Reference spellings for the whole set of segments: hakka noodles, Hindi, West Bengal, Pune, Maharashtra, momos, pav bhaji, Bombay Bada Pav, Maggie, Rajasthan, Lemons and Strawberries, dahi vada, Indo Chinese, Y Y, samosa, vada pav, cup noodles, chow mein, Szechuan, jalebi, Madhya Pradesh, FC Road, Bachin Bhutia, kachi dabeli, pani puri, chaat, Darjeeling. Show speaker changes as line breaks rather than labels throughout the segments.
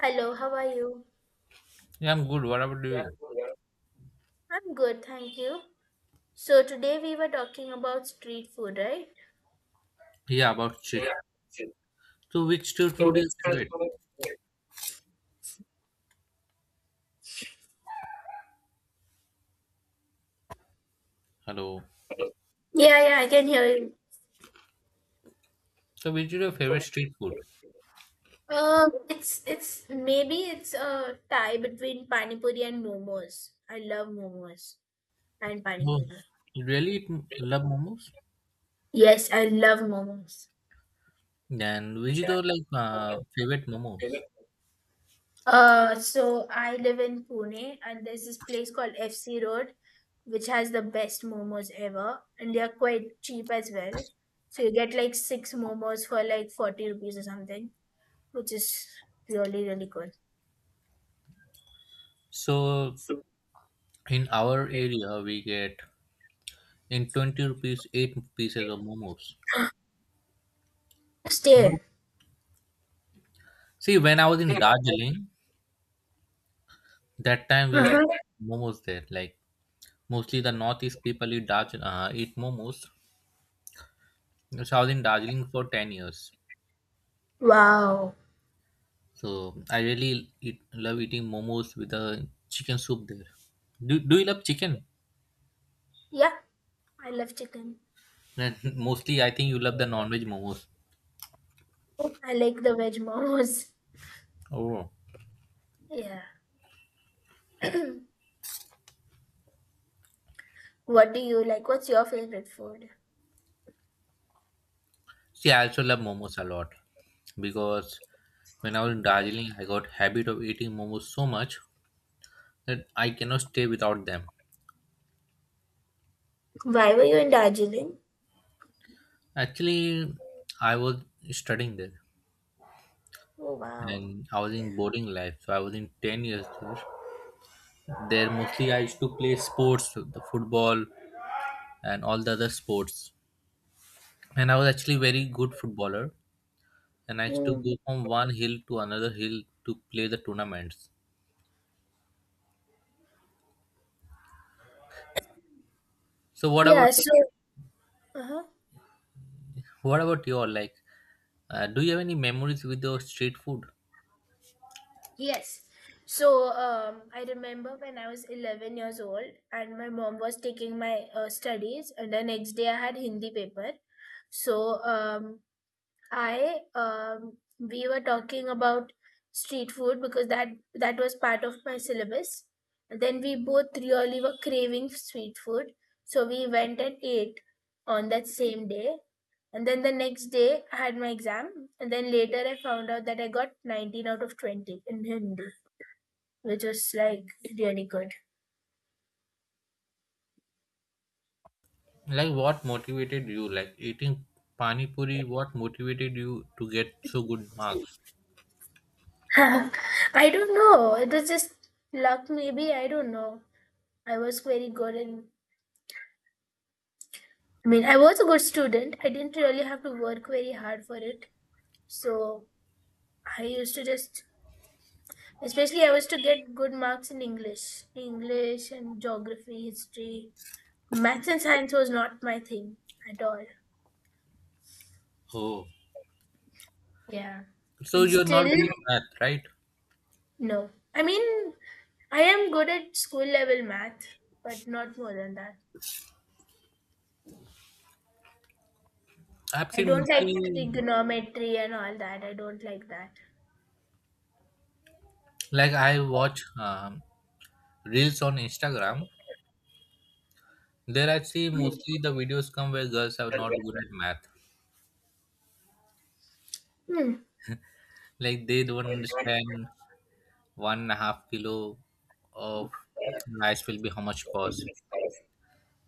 Hello, how are you?
Yeah, I'm good. What about you?
I'm good, thank you. So today we were talking about street food, right?
Yeah, about street. So, which street food is your favorite? Hello.
Yeah, yeah, I can hear you.
So, which is your favorite street food?
It's maybe it's a tie between pani puri and momos. I love momos and pani
Oh,
puri.
you really eat, love momos?
Yes, I love momos.
And which is your like favorite momos?
So I live in Pune, and there's this place called FC Road, which has the best momos ever, and they are quite cheap as well. So you get like six momos for like 40 rupees or something, which is really good.
So, in our area, we get in 20 rupees, 8 pieces of momos. No.
Stay.
See, when I was in Darjeeling, that time we used to eat momos there. Like, mostly the northeast people eat, eat momos. So, I was in Darjeeling for 10 years.
Wow.
So I really love eating momos with the chicken soup there. Do you love chicken?
Yeah, I love chicken.
And mostly, I think you love the non-veg momos.
I like the veg momos.
Oh,
Yeah. What do you like? What's your favorite food?
see, I also love momos a lot because when I was in Darjeeling, I got habit of eating momos so much that I cannot stay without them.
Why were you in Darjeeling?
Actually, I was studying there
Oh wow.
and I was
Yeah.
in boarding life, so I was in 10 years there. There mostly I used to play sports, the football and all the other sports. And I was actually very good footballer, and I used to
Mm.
go from one hill to another hill to play the tournaments. So what about
Yeah. So. Uh-huh.
your like? Do you have any memories with your street food?
Yes. I remember when I was 11 years old and my mom was taking my studies, and the next day I had Hindi paper. So um, I we were talking about street food because that was part of my syllabus. And then we both really were craving street food, so we went and ate on that same day. And then the next day I had my exam, and then later I found out that I got 19 out of 20 in Hindi, which was like really good.
Like what motivated you? Like eating pani puri, what motivated you to get so good marks?
I don't know. It was just luck, maybe. I don't know. I was very good in, I mean, I was a good student. I didn't really have to work very hard for it. So I used to just, especially I was to get good marks in English, English and geography, history. Maths and science was not my thing at all.
Oh,
Yeah.
so
And
you're not
still,
doing math, right?
no. I mean, I am good at school level math, but not more than that.
I've
I
seen
don't like
mostly,
trigonometry and all that. I don't like that.
like I watch reels on Instagram. There I see mostly the videos come where girls are not good at math.
Hmm.
Like they don't understand 1.5 kilo of rice will be how much cost.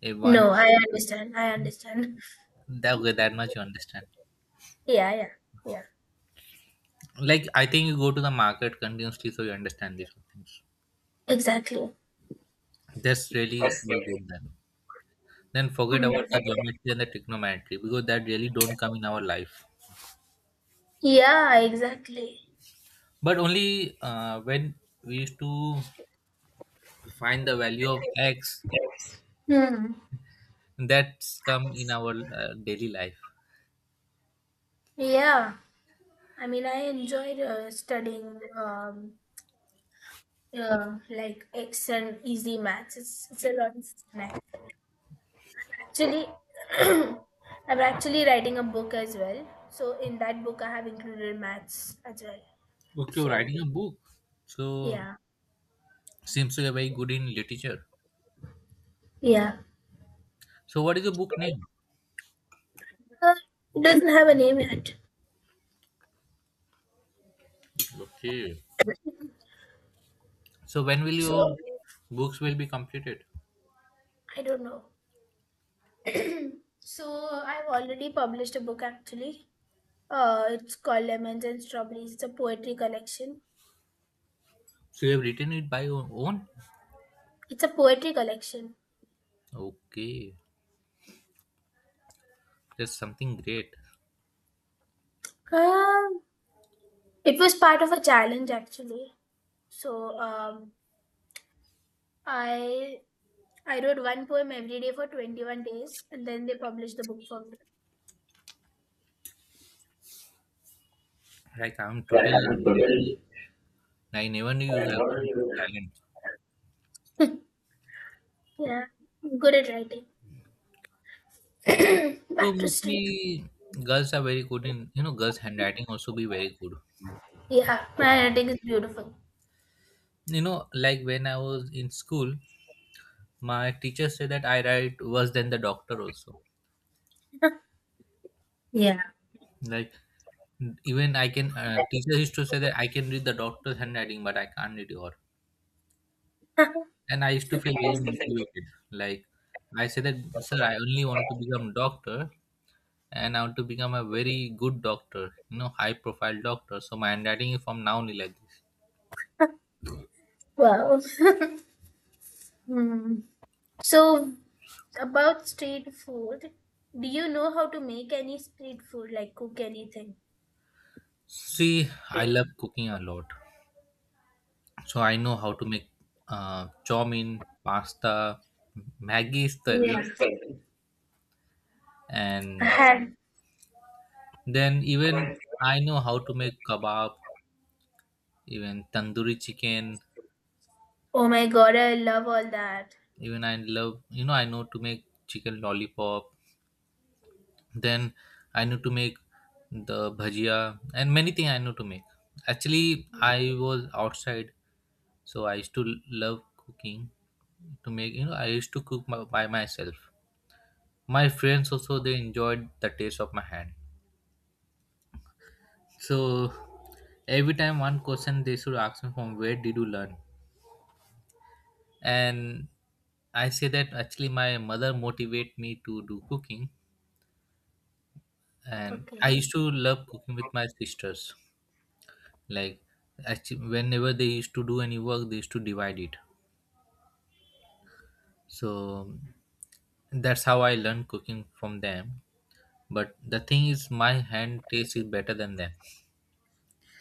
If
No,
once
I understand. I understand.
that way that much you understand.
Yeah, yeah, yeah.
Like I think you go to the market continuously so you understand these things.
Exactly.
That's really very good then. Then forget
Mm.
about the geometry and the trigonometry because that really don't come in our life.
Yeah, exactly.
But only when we used to find the value of x,
Hmm.
that's come in our daily life.
Yeah, I mean, I enjoyed studying like X and easy maths. It's a lot of fun. Actually, I'm actually writing a book as well. So in that book, I have included maths as well.
Okay, you're
So
writing a book. So
yeah,
seems to be very good in literature.
yeah.
So what is your book name?
Uh, it doesn't have a name yet.
Okay. So when will your
So
books will be completed?
I don't know. So I've already published a book actually. It's called Lemons and Strawberries. It's a poetry collection.
So you have written it by your own?
It's a poetry collection.
Okay. That's something great.
Um, it was part of a challenge actually. So um, I I wrote one poem every day for 21 days, and then they published the book for me.
Like I'm totally I never knew you have so good talent.
Yeah, I'm good at writing.
So
Back to street.
mostly girls are very good in, girls handwriting also be very good.
Yeah, my writing is beautiful.
You know, like when I was in school, my teacher said that I write worse than the doctor also. Like even I can, teacher used to say that I can read the doctor's handwriting, but I can't read your. And I used to feel very motivated. Like I said that, sir, I only want to become doctor, and I want to become a very good doctor, high profile doctor. So my handwriting is from now only like this.
Wow. Hmm. So about street food, do you know how to make any street food? Like cook anything?
See, I love cooking a lot, so I know how to make chow mein, pasta. Maggi is the
Yeah.
everyone's favorite,
I
and
had.
then even I know how to make kebab, even tandoori chicken.
Oh my god, I love all that.
Even I love, I know to make chicken lollipop, then I know to make the bhajia, and many things I know to make. Actually, I was outside, so I used to love cooking, to make, you know, I used to cook by myself. My friends also, they enjoyed the taste of my hand. So every time one question they should ask me, from where did you learn. And I say that actually my mother motivate me to do cooking, and I
Okay.
used to love cooking with my sisters. Like actually whenever they used to do any work, they used to divide it, so that's how I learned cooking from them. But the thing is my hand taste is better than them.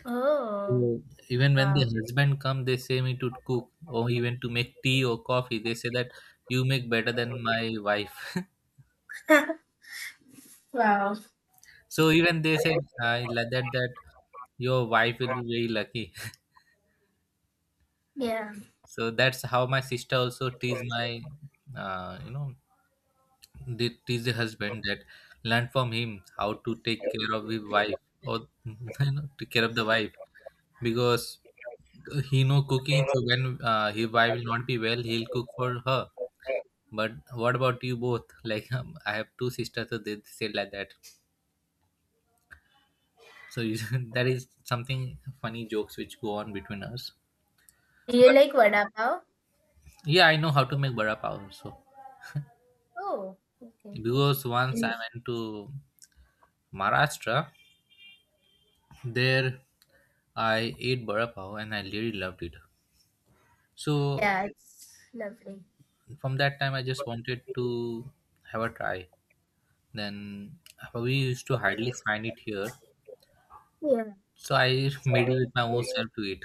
Oh,
So even when the
wow.
husband come, they say me to cook or even to make tea or coffee. They say that you make better than my wife.
Wow.
So even they say, I like that that your wife will be very lucky.
Yeah.
So that's how my sister also tease my you know, they tease the husband that learn from him how to take care of his wife, or you know, take care of the wife, because he know cooking, so when his wife will not be well, he'll cook for her. But what about you both? Like I have two sisters, so they say like that. So you, that is something funny jokes which go on between us.
Do you
But
like vada pav?
yeah, I know how to make vada pav also,
Oh, okay.
because once I
Yes.
went to Maharashtra. There, I ate bara pav and I really loved it. So
Yeah, it's lovely.
from that time, I just wanted to have a try. Then we used to hardly find it here,
Yeah.
so I made it with my own self to eat.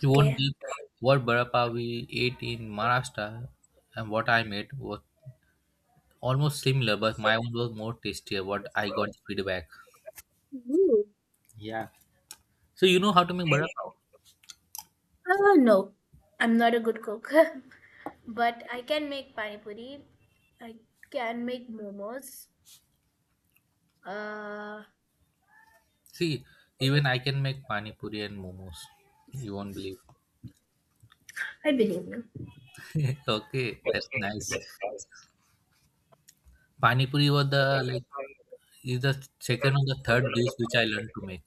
You won't believe what bara pav we ate in Maharashtra and what I made was almost similar, but my one was more tastier. What I got the feedback.
You?
Yeah. So you know how to make bara pav.
No, I'm not a good cook, but I can make pani puri. I can make momos. Uh,
See, even I can make pani puri and momos. You won't believe.
I believe you.
Okay, that's nice. Pani puri was the like is the second or the third dish which I learned to make.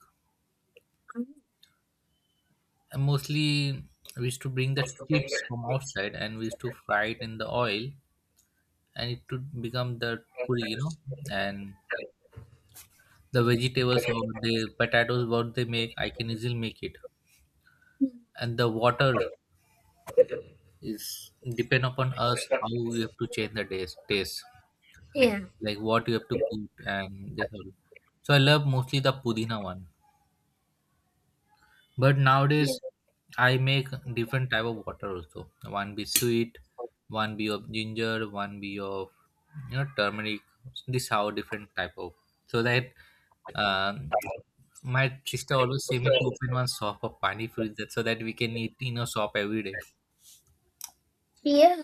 And mostly we used to bring the chips from outside and we used to fry it in the oil, and it would become the puri, you know. And the vegetables or the potatoes what they make, I can easily make it.
Mm.
And the water is depend upon us how we have to change taste,
Yeah.
like what you have to put and this all. So I love mostly the pudina one. But nowadays, I make different type of water also. One be sweet, one be of ginger, one be of, you know, turmeric. This how different type of, so that um, my sister always say me to open one shop of pani puri, that so that we can eat in a shop every day.
Yeah.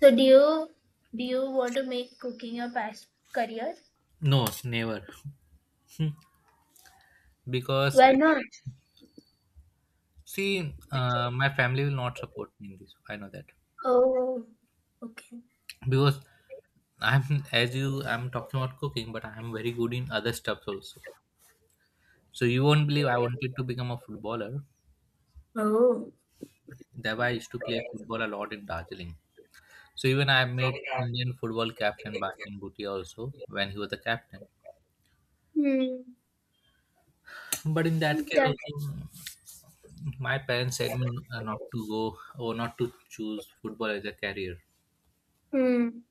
So do you want to make cooking your past career?
No, never. Hmm. Because
Why not?
see, my family will not support me in this. I know that,
Oh, okay.
because I'm as you I'm talking about cooking, but I'm very good in other stuff also. So you won't believe I wanted to become a footballer.
Oh.
Thereby I used to play football a lot in Darjeeling. So even I met Indian football captain Bachin Bhutia also when he was the captain.
Hmm.
But in that case
That.
also, my parents said me not to go or not to choose football as a career,
Hmm.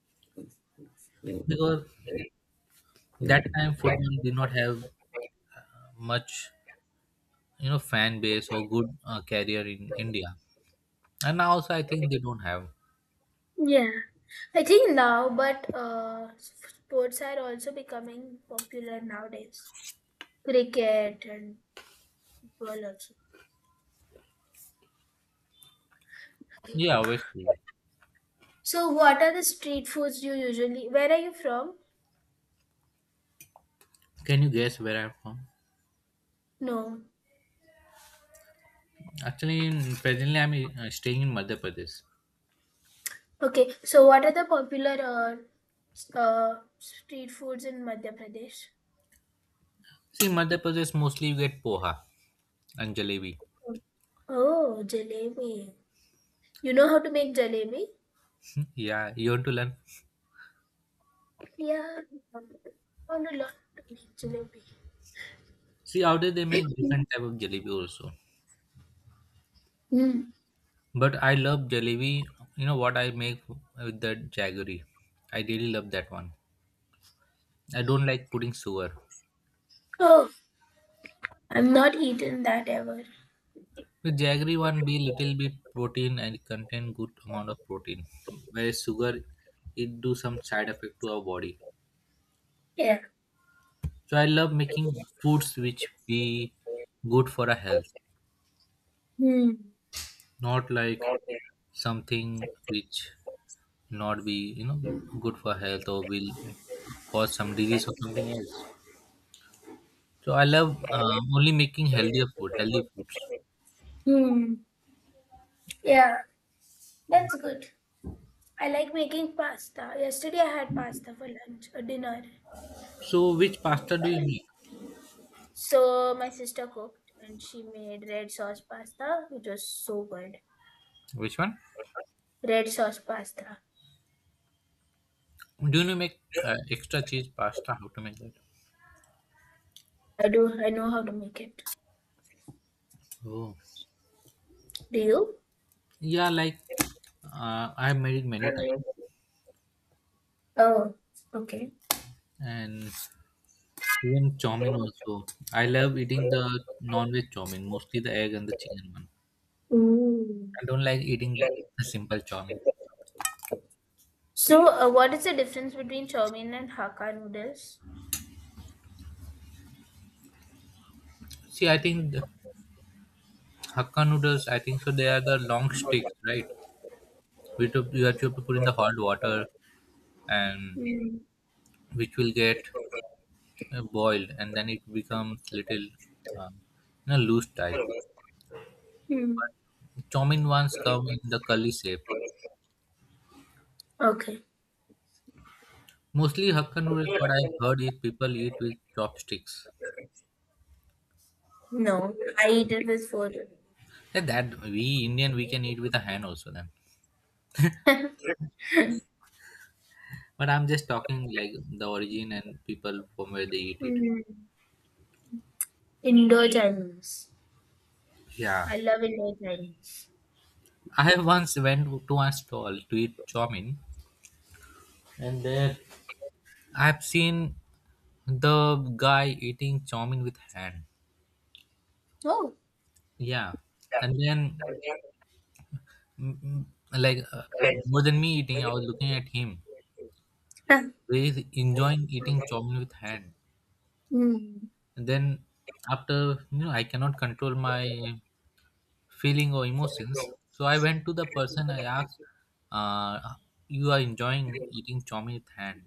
because that time football did not have much, you know, fan base or good career in India. And now also I think they don't have.
Yeah. I think now, but sports are also becoming popular nowadays. Cricket and football also.
Yeah, obviously.
So, what are the street foods you usually? Where are you from?
Can you guess where I'm from?
No.
Actually, presently I'm staying in Madhya Pradesh.
Okay. So, what are the popular street foods in Madhya Pradesh?
See, Madhya Pradesh mostly you get poha and jalebi.
Oh, jalebi. You know how to make jalebi?
Hmm? Yeah, you want to learn?
Yeah, um, found a lot to eat jalebi.
See, out there they make different type of jalebi also.
Hmm.
But I love jalebi. You know what I make with the jaggery. I really love that one. I don't like putting sugar.
Oh, I've not eaten that ever.
With jaggery one be little bit protein and it contain good amount of protein. Whereas sugar, it do some side effect to our body.
Yeah.
So I love making foods which be good for our health.
Hmm.
Not like something which not be, you know, good for health or will cause some disease or something else. So I love only making healthier food healthy foods.
Hmm. Yeah, that's good. I like making pasta. Yesterday I had pasta for lunch or dinner.
So which pasta do you make?
So my sister cooked and she made red sauce pasta, which was so good.
Which one?
Red sauce pasta.
Do you make extra cheese pasta? How to make that?
I know how to make it.
Oh,
Do you?
yeah, like I have made it many times.
Oh, okay.
And even chow mein also, I love eating the non-veg chow mein, mostly the egg and the chicken one.
Ooh.
I don't like eating the simple chow mein.
So what is the difference between chow mein and hakka noodles?
See, I think the Hakka noodles, I think so they are the long sticks, right? Which you have to put in the hot water, and
Mm.
which will get boiled, and then it becomes little, um, you know, loose type.
Mm.
Chow mein ones come in the curly shape.
Okay.
Mostly Hakka noodles, what I've heard is people eat with chopsticks.
No, I eat it with food.
Yeah, that we Indian we can eat with a hand also then.
Mm.
But I'm just talking like the origin and people from where they eat it.
Indo Chinese.
Yeah.
I love Indo Chinese.
I have once went to a stall to eat chow mein. And there, I've seen the guy eating chowmein with hand.
Oh.
Yeah, and then mm, mm, like more than me eating, I was looking at him.
Mm.
He's enjoying eating chowmein with hand. And then after, you know, I cannot control my feeling or emotions, so I went to the person. I asked, uh, "You are enjoying eating chowmein with hand?"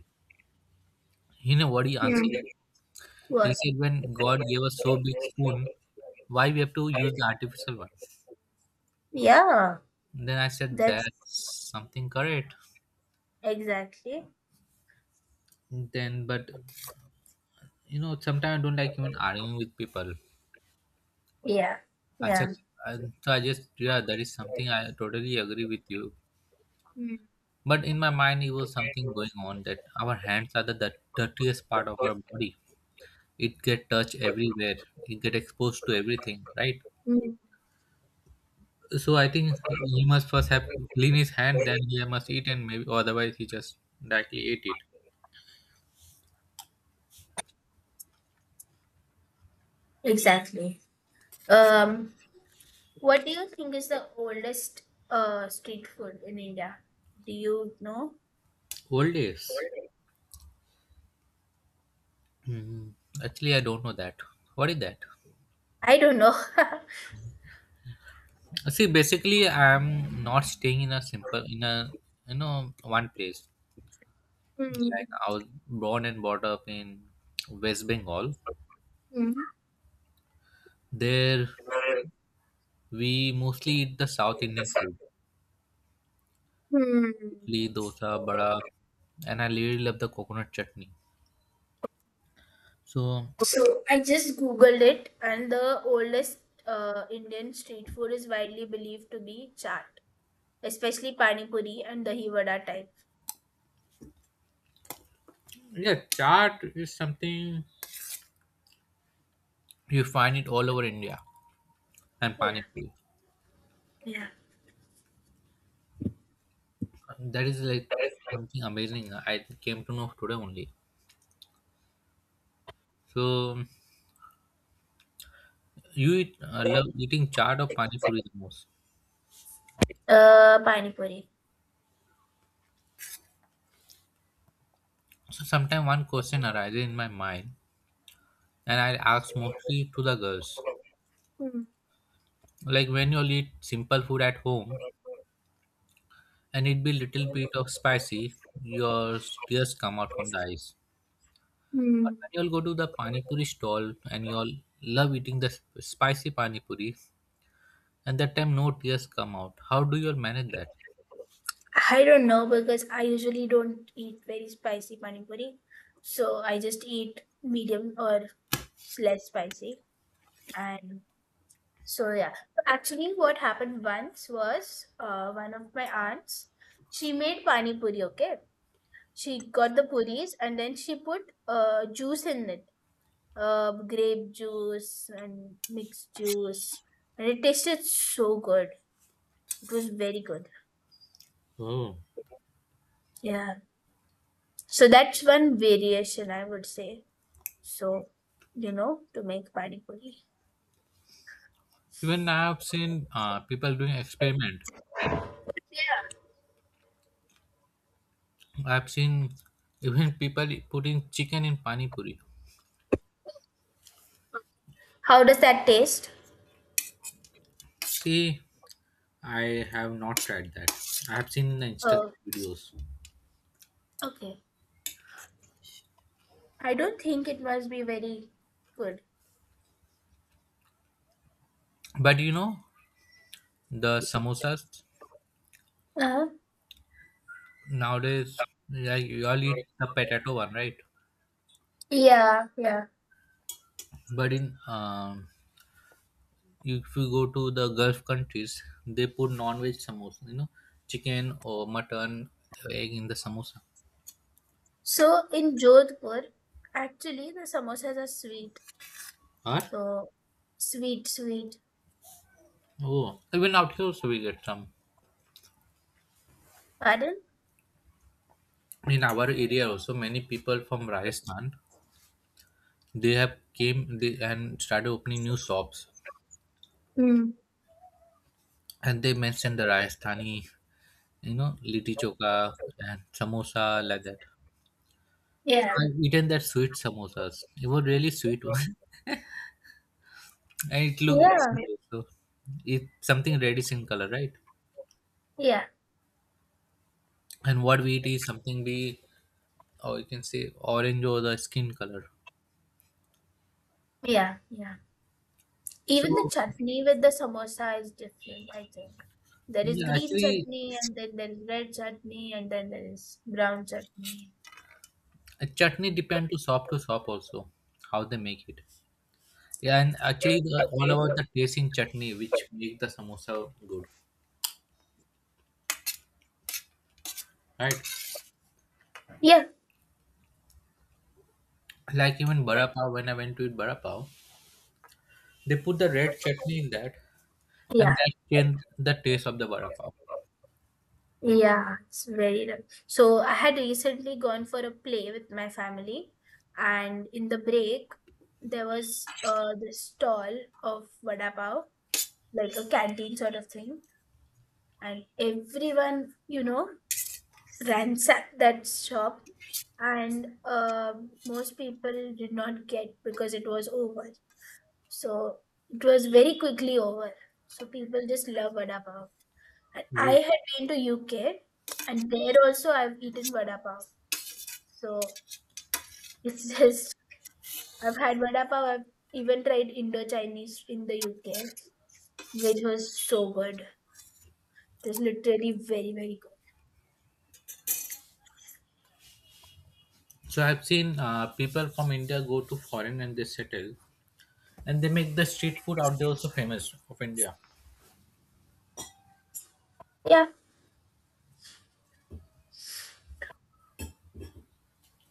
You know what he
Mm.
answered? He
What?
said, "When God gave us so big spoon, why we have to use the artificial one?"
Yeah.
Then I said
That's
that's something correct.
exactly.
Then, but you know, sometimes I don't like even arguing with people.
Yeah.
I said,
Yeah.
I- so I just yeah, that is something I totally agree with you.
Mm.
But in my mind, it was something going on that our hands are the dirtiest part of our body. It get touched everywhere. It get exposed to everything, right?
Mm.
So I think he must first have clean his hand, then he must eat, and maybe or otherwise he just directly ate it.
Exactly. Um. What do you think is the oldest street food in India? Do you know?
Old days. Hmm. Actually, I don't know that. What is that?
I don't know.
See, basically, I'm not staying in a simple in a you know one place.
Mm.
Like I was born and brought up in West Bengal.
Mm.
There, we mostly eat the South Indian food,
Mm.
idli, dosa, bada, and I really love the coconut chutney. So
So I just googled it, and the oldest Indian street food is widely believed to be chaat, especially pani puri and dahi vada type.
yeah, chaat is something you find it all over India, and
Yeah,
pani puri.
yeah.
That is like something amazing. I came to know today only. So you eat, love eating chaat or pani puri the most?
Pani puri.
So sometimes one question arises in my mind, and I ask mostly to the girls.
Hmm.
Like when you eat simple food at home, and it be little bit of spicy, your tears come out from the eyes. But
Hmm.
when you all go to the pani puri stall and you all love eating the spicy pani puri, and that time no tears come out. How do you all manage that?
I don't know because I usually don't eat very spicy pani puri, so I just eat medium or less spicy. And so yeah, actually, what happened once was one of my aunts, she made pani puri. Okay, she got the puris, and then she put juice in it, grape juice and mixed juice, and it tasted so good. It was very good.
Oh.
Yeah, so that's one variation I would say. So you know to make pani puri.
Even I have seen people doing experiment.
Yeah,
I have seen even people putting chicken in pani puri.
how does that taste?
See. I have not tried that. I have seen in the Instagram
Oh,
videos.
okay. I don't think it must be very good.
But you know, the samosas
Uh-huh.
nowadays, like you all eat the potato one, right?
Yeah, yeah.
But in if you go to the Gulf countries, they put non-veg samosa. You know, chicken or mutton, egg in the samosa.
So in Jodhpur actually the samosas are sweet.
Or
So sweet, sweet.
oh, even out here also we get some.
Pardon?
In our area also, many people from Rajasthan they have came they and started opening new shops,
Mm.
and they mentioned the Rajasthani. You know, litti choka and samosa like that. So
Yeah.
I've eaten that sweet samosas. It was really sweet, and it looked
Yeah.
simple. So it's something reddish in color, right?
Yeah,
And what we eat is something be, or you can say orange or the skin color.
yeah, yeah. Even the
So
chutney with the samosa is different, I think. There is
yeah,
green
actually,
chutney and then there is red chutney and then there is brown chutney.
a chutney depend to shop also how they make it. Yeah, and actually, all about the taste in chutney which make the samosa good, right?
Yeah,
Like even bara pav when I went to eat bara pav. They put the red chutney in that, and
yeah,
that changed the taste of the vada pav.
yeah. It's very nice. So I had recently gone for a play with my family, and in the break there was this stall of vada pav, like a canteen sort of thing. And everyone, you know, ransacked that shop, and most people did not get because it was over. So it was very quickly over. So people just love vada pav. And I
Ooh.
had been to UK, and there also I've eaten vada pav. So it's just, I've had vada pav, I've even tried Indo Chinese in the UK, which was so good. It was literally very good.
So I've seen people from India go to foreign and they settle, and they make the street food out there also famous of India.
Yeah,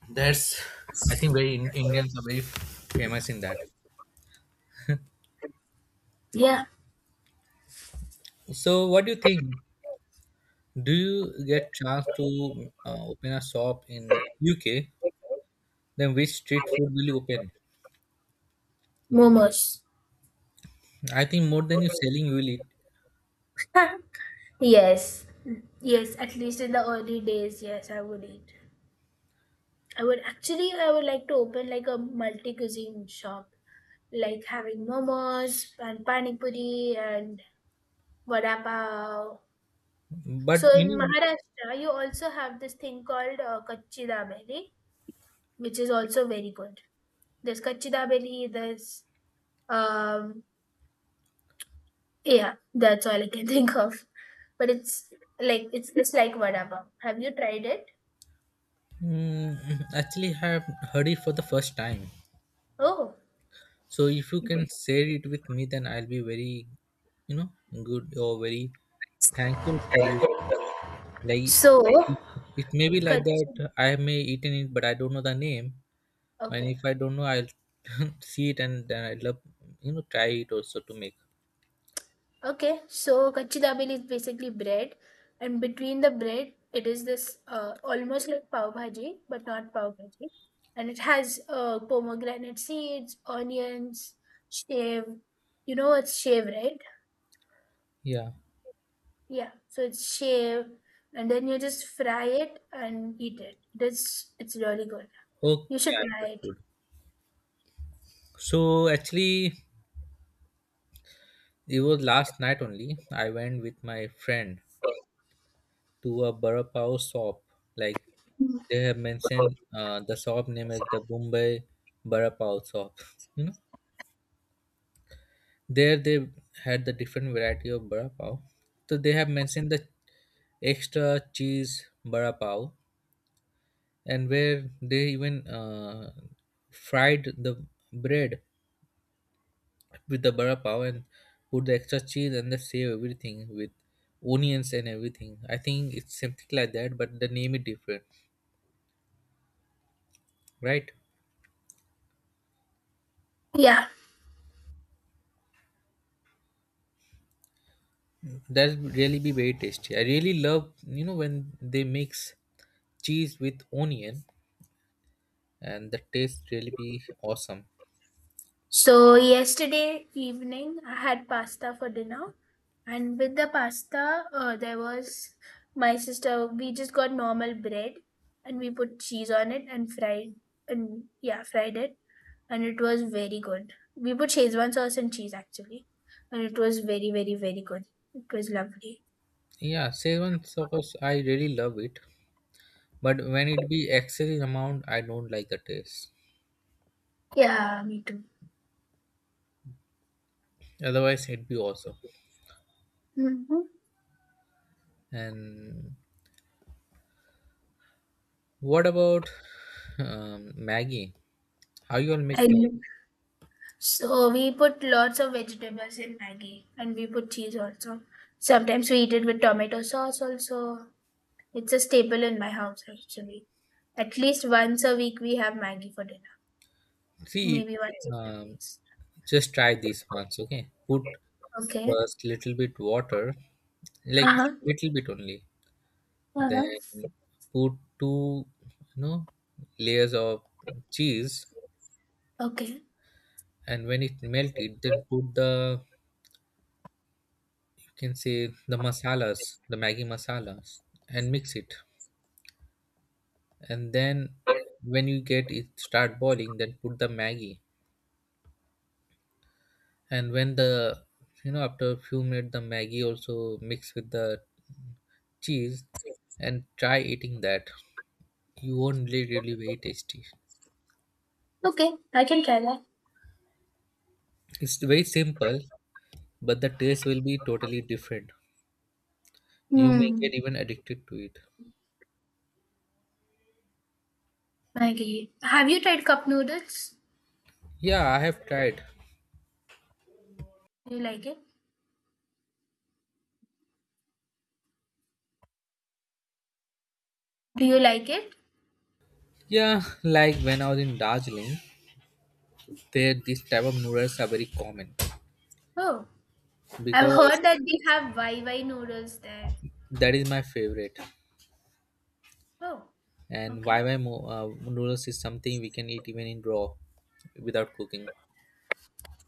That's I think very Indians are very famous in that.
yeah,
So what do you think? Do you get chance to open a shop in UK? Then which street food will you open?
momos.
I think more than you selling, you will eat.
Yes, yes, at least in the early days, yes, I would eat. I would like to open like a multi cuisine shop, like having momos and pani puri and vada pav.
But
So in
you
Maharashtra, you also have this thing called kachi dabeli, which is also very good. There's kachi dabeli, there's um, yeah, that's all I can think of. But it's like, it's like vada pav. Have you tried it?
know, mm, actually, I have heard it for the first time.
Oh,
So if you can share it with me, then I'll be very, you know, good or very thankful for you. Like
so.
it, it may be like
Kachi.
that I may eaten it, but I don't know the name, and
Okay.
if I don't know, I'll see it and then I love, you know, try it also to make.
Okay. So kachi dabeli is basically bread, and between the bread, it is this almost like pav bhaji, but not pav bhaji, and it has pomegranate seeds, onions, shave. You know it's shave, right?
Yeah.
Yeah. So it's shave, and then you just fry it and eat it. It is. It's really good. You
Okay,
should
I
try it.
understood. So actually, it was last night only. I went with my friend to a Bada Pav shop. Like they have mentioned the shop name as the Bombay Bada Pav shop. You know, there they had the different variety of Bada Pav. So they have mentioned the extra cheese Bada Pav, and where they even fried the bread with the Bada Pav and put the extra cheese and they save everything with onions and everything. I think it's something like that, but the name is different, right?
Yeah.
That would really be very tasty. I really love, you know, when they mix cheese with onion, and the taste really be awesome.
So yesterday evening, I had pasta for dinner, and with the pasta, there was my sister. We just got normal bread, and we put cheese on it and fried, and yeah, fried it, and it was very good. We put Szechuan sauce and cheese actually, and it was very good. It was lovely.
Yeah, Szechuan sauce, I really love it, but when it be excessive amount, I don't like the taste.
Yeah, me too.
Otherwise, it'd be awesome.
Mm-hmm.
And what about Maggie? How you all make
I.
Maggie?
So we put lots of vegetables in Maggie and we put cheese also. Sometimes we eat it with tomato sauce also. It's a staple in my house actually. At least once a week we have Maggie for dinner.
See,
Maybe once a week.
um, just try this once, okay? Put
Okay.
first little bit water, like
Uh-huh.
little bit only,
Uh-huh.
then put two you know layers of cheese,
Okay.
and when it melted then put the, you can say, the masalas, the maggi masalas, and mix it, and then when you get it start boiling then put the maggi, and when the you know after a few minutes the maggi also mix with the cheese, and try eating that. You won't, really, really very tasty.
Okay. I can try that.
It's very simple, but the taste will be totally different. You may get
Hmm.
even addicted to it.
Maggie. Have you tried cup noodles?
Yeah, I have tried.
Do you like it? Do you like it?
Yeah, like when I was in Darjeeling, there this type of noodles are very common
Oh. I've
because
heard that we have YY noodles there.
that is my favorite.
Oh.
And Y
Okay.
Y noodles is something we can eat even in raw without cooking.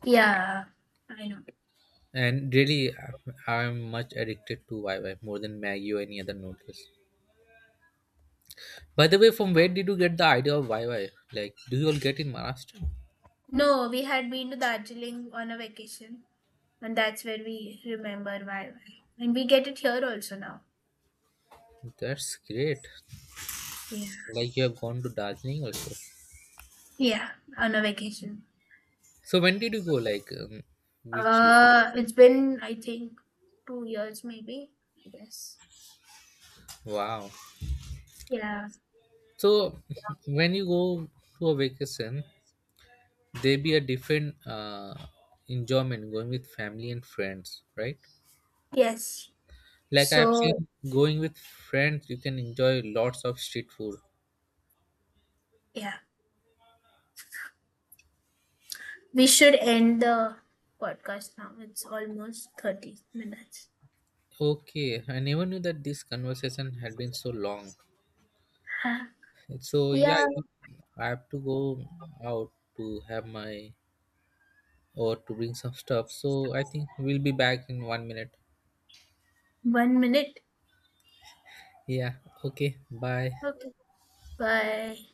Yeah. I know.
And really, I'm much addicted to Y Y more than Maggi or any other noodles. By the way, from where did you get the idea of Y Y? Like, do you all get in Maharashtra?
No, we had been to Darjeeling on a vacation, and that's where we remember why. And we get it here also now.
That's great.
Yeah.
Like you have gone to Darjeeling also.
Yeah, on a vacation.
So when did you go? Like which year?
It's been, I think, 2 years maybe, I guess.
Wow.
Yeah.
So when you go to a vacation, there be a different enjoyment going with family and friends, right?
Yes.
Like I've
So,
seen going with friends, you can enjoy lots of street food.
yeah, we should end the podcast now. It's almost 30 minutes.
Okay, I never knew that this conversation had been so long.
Huh.
So yeah,
Yeah,
I have to go out to have my or to bring some stuff. So I think we'll be back in 1 minute.
1 minute.
Yeah. Okay. Bye.
Okay. Bye.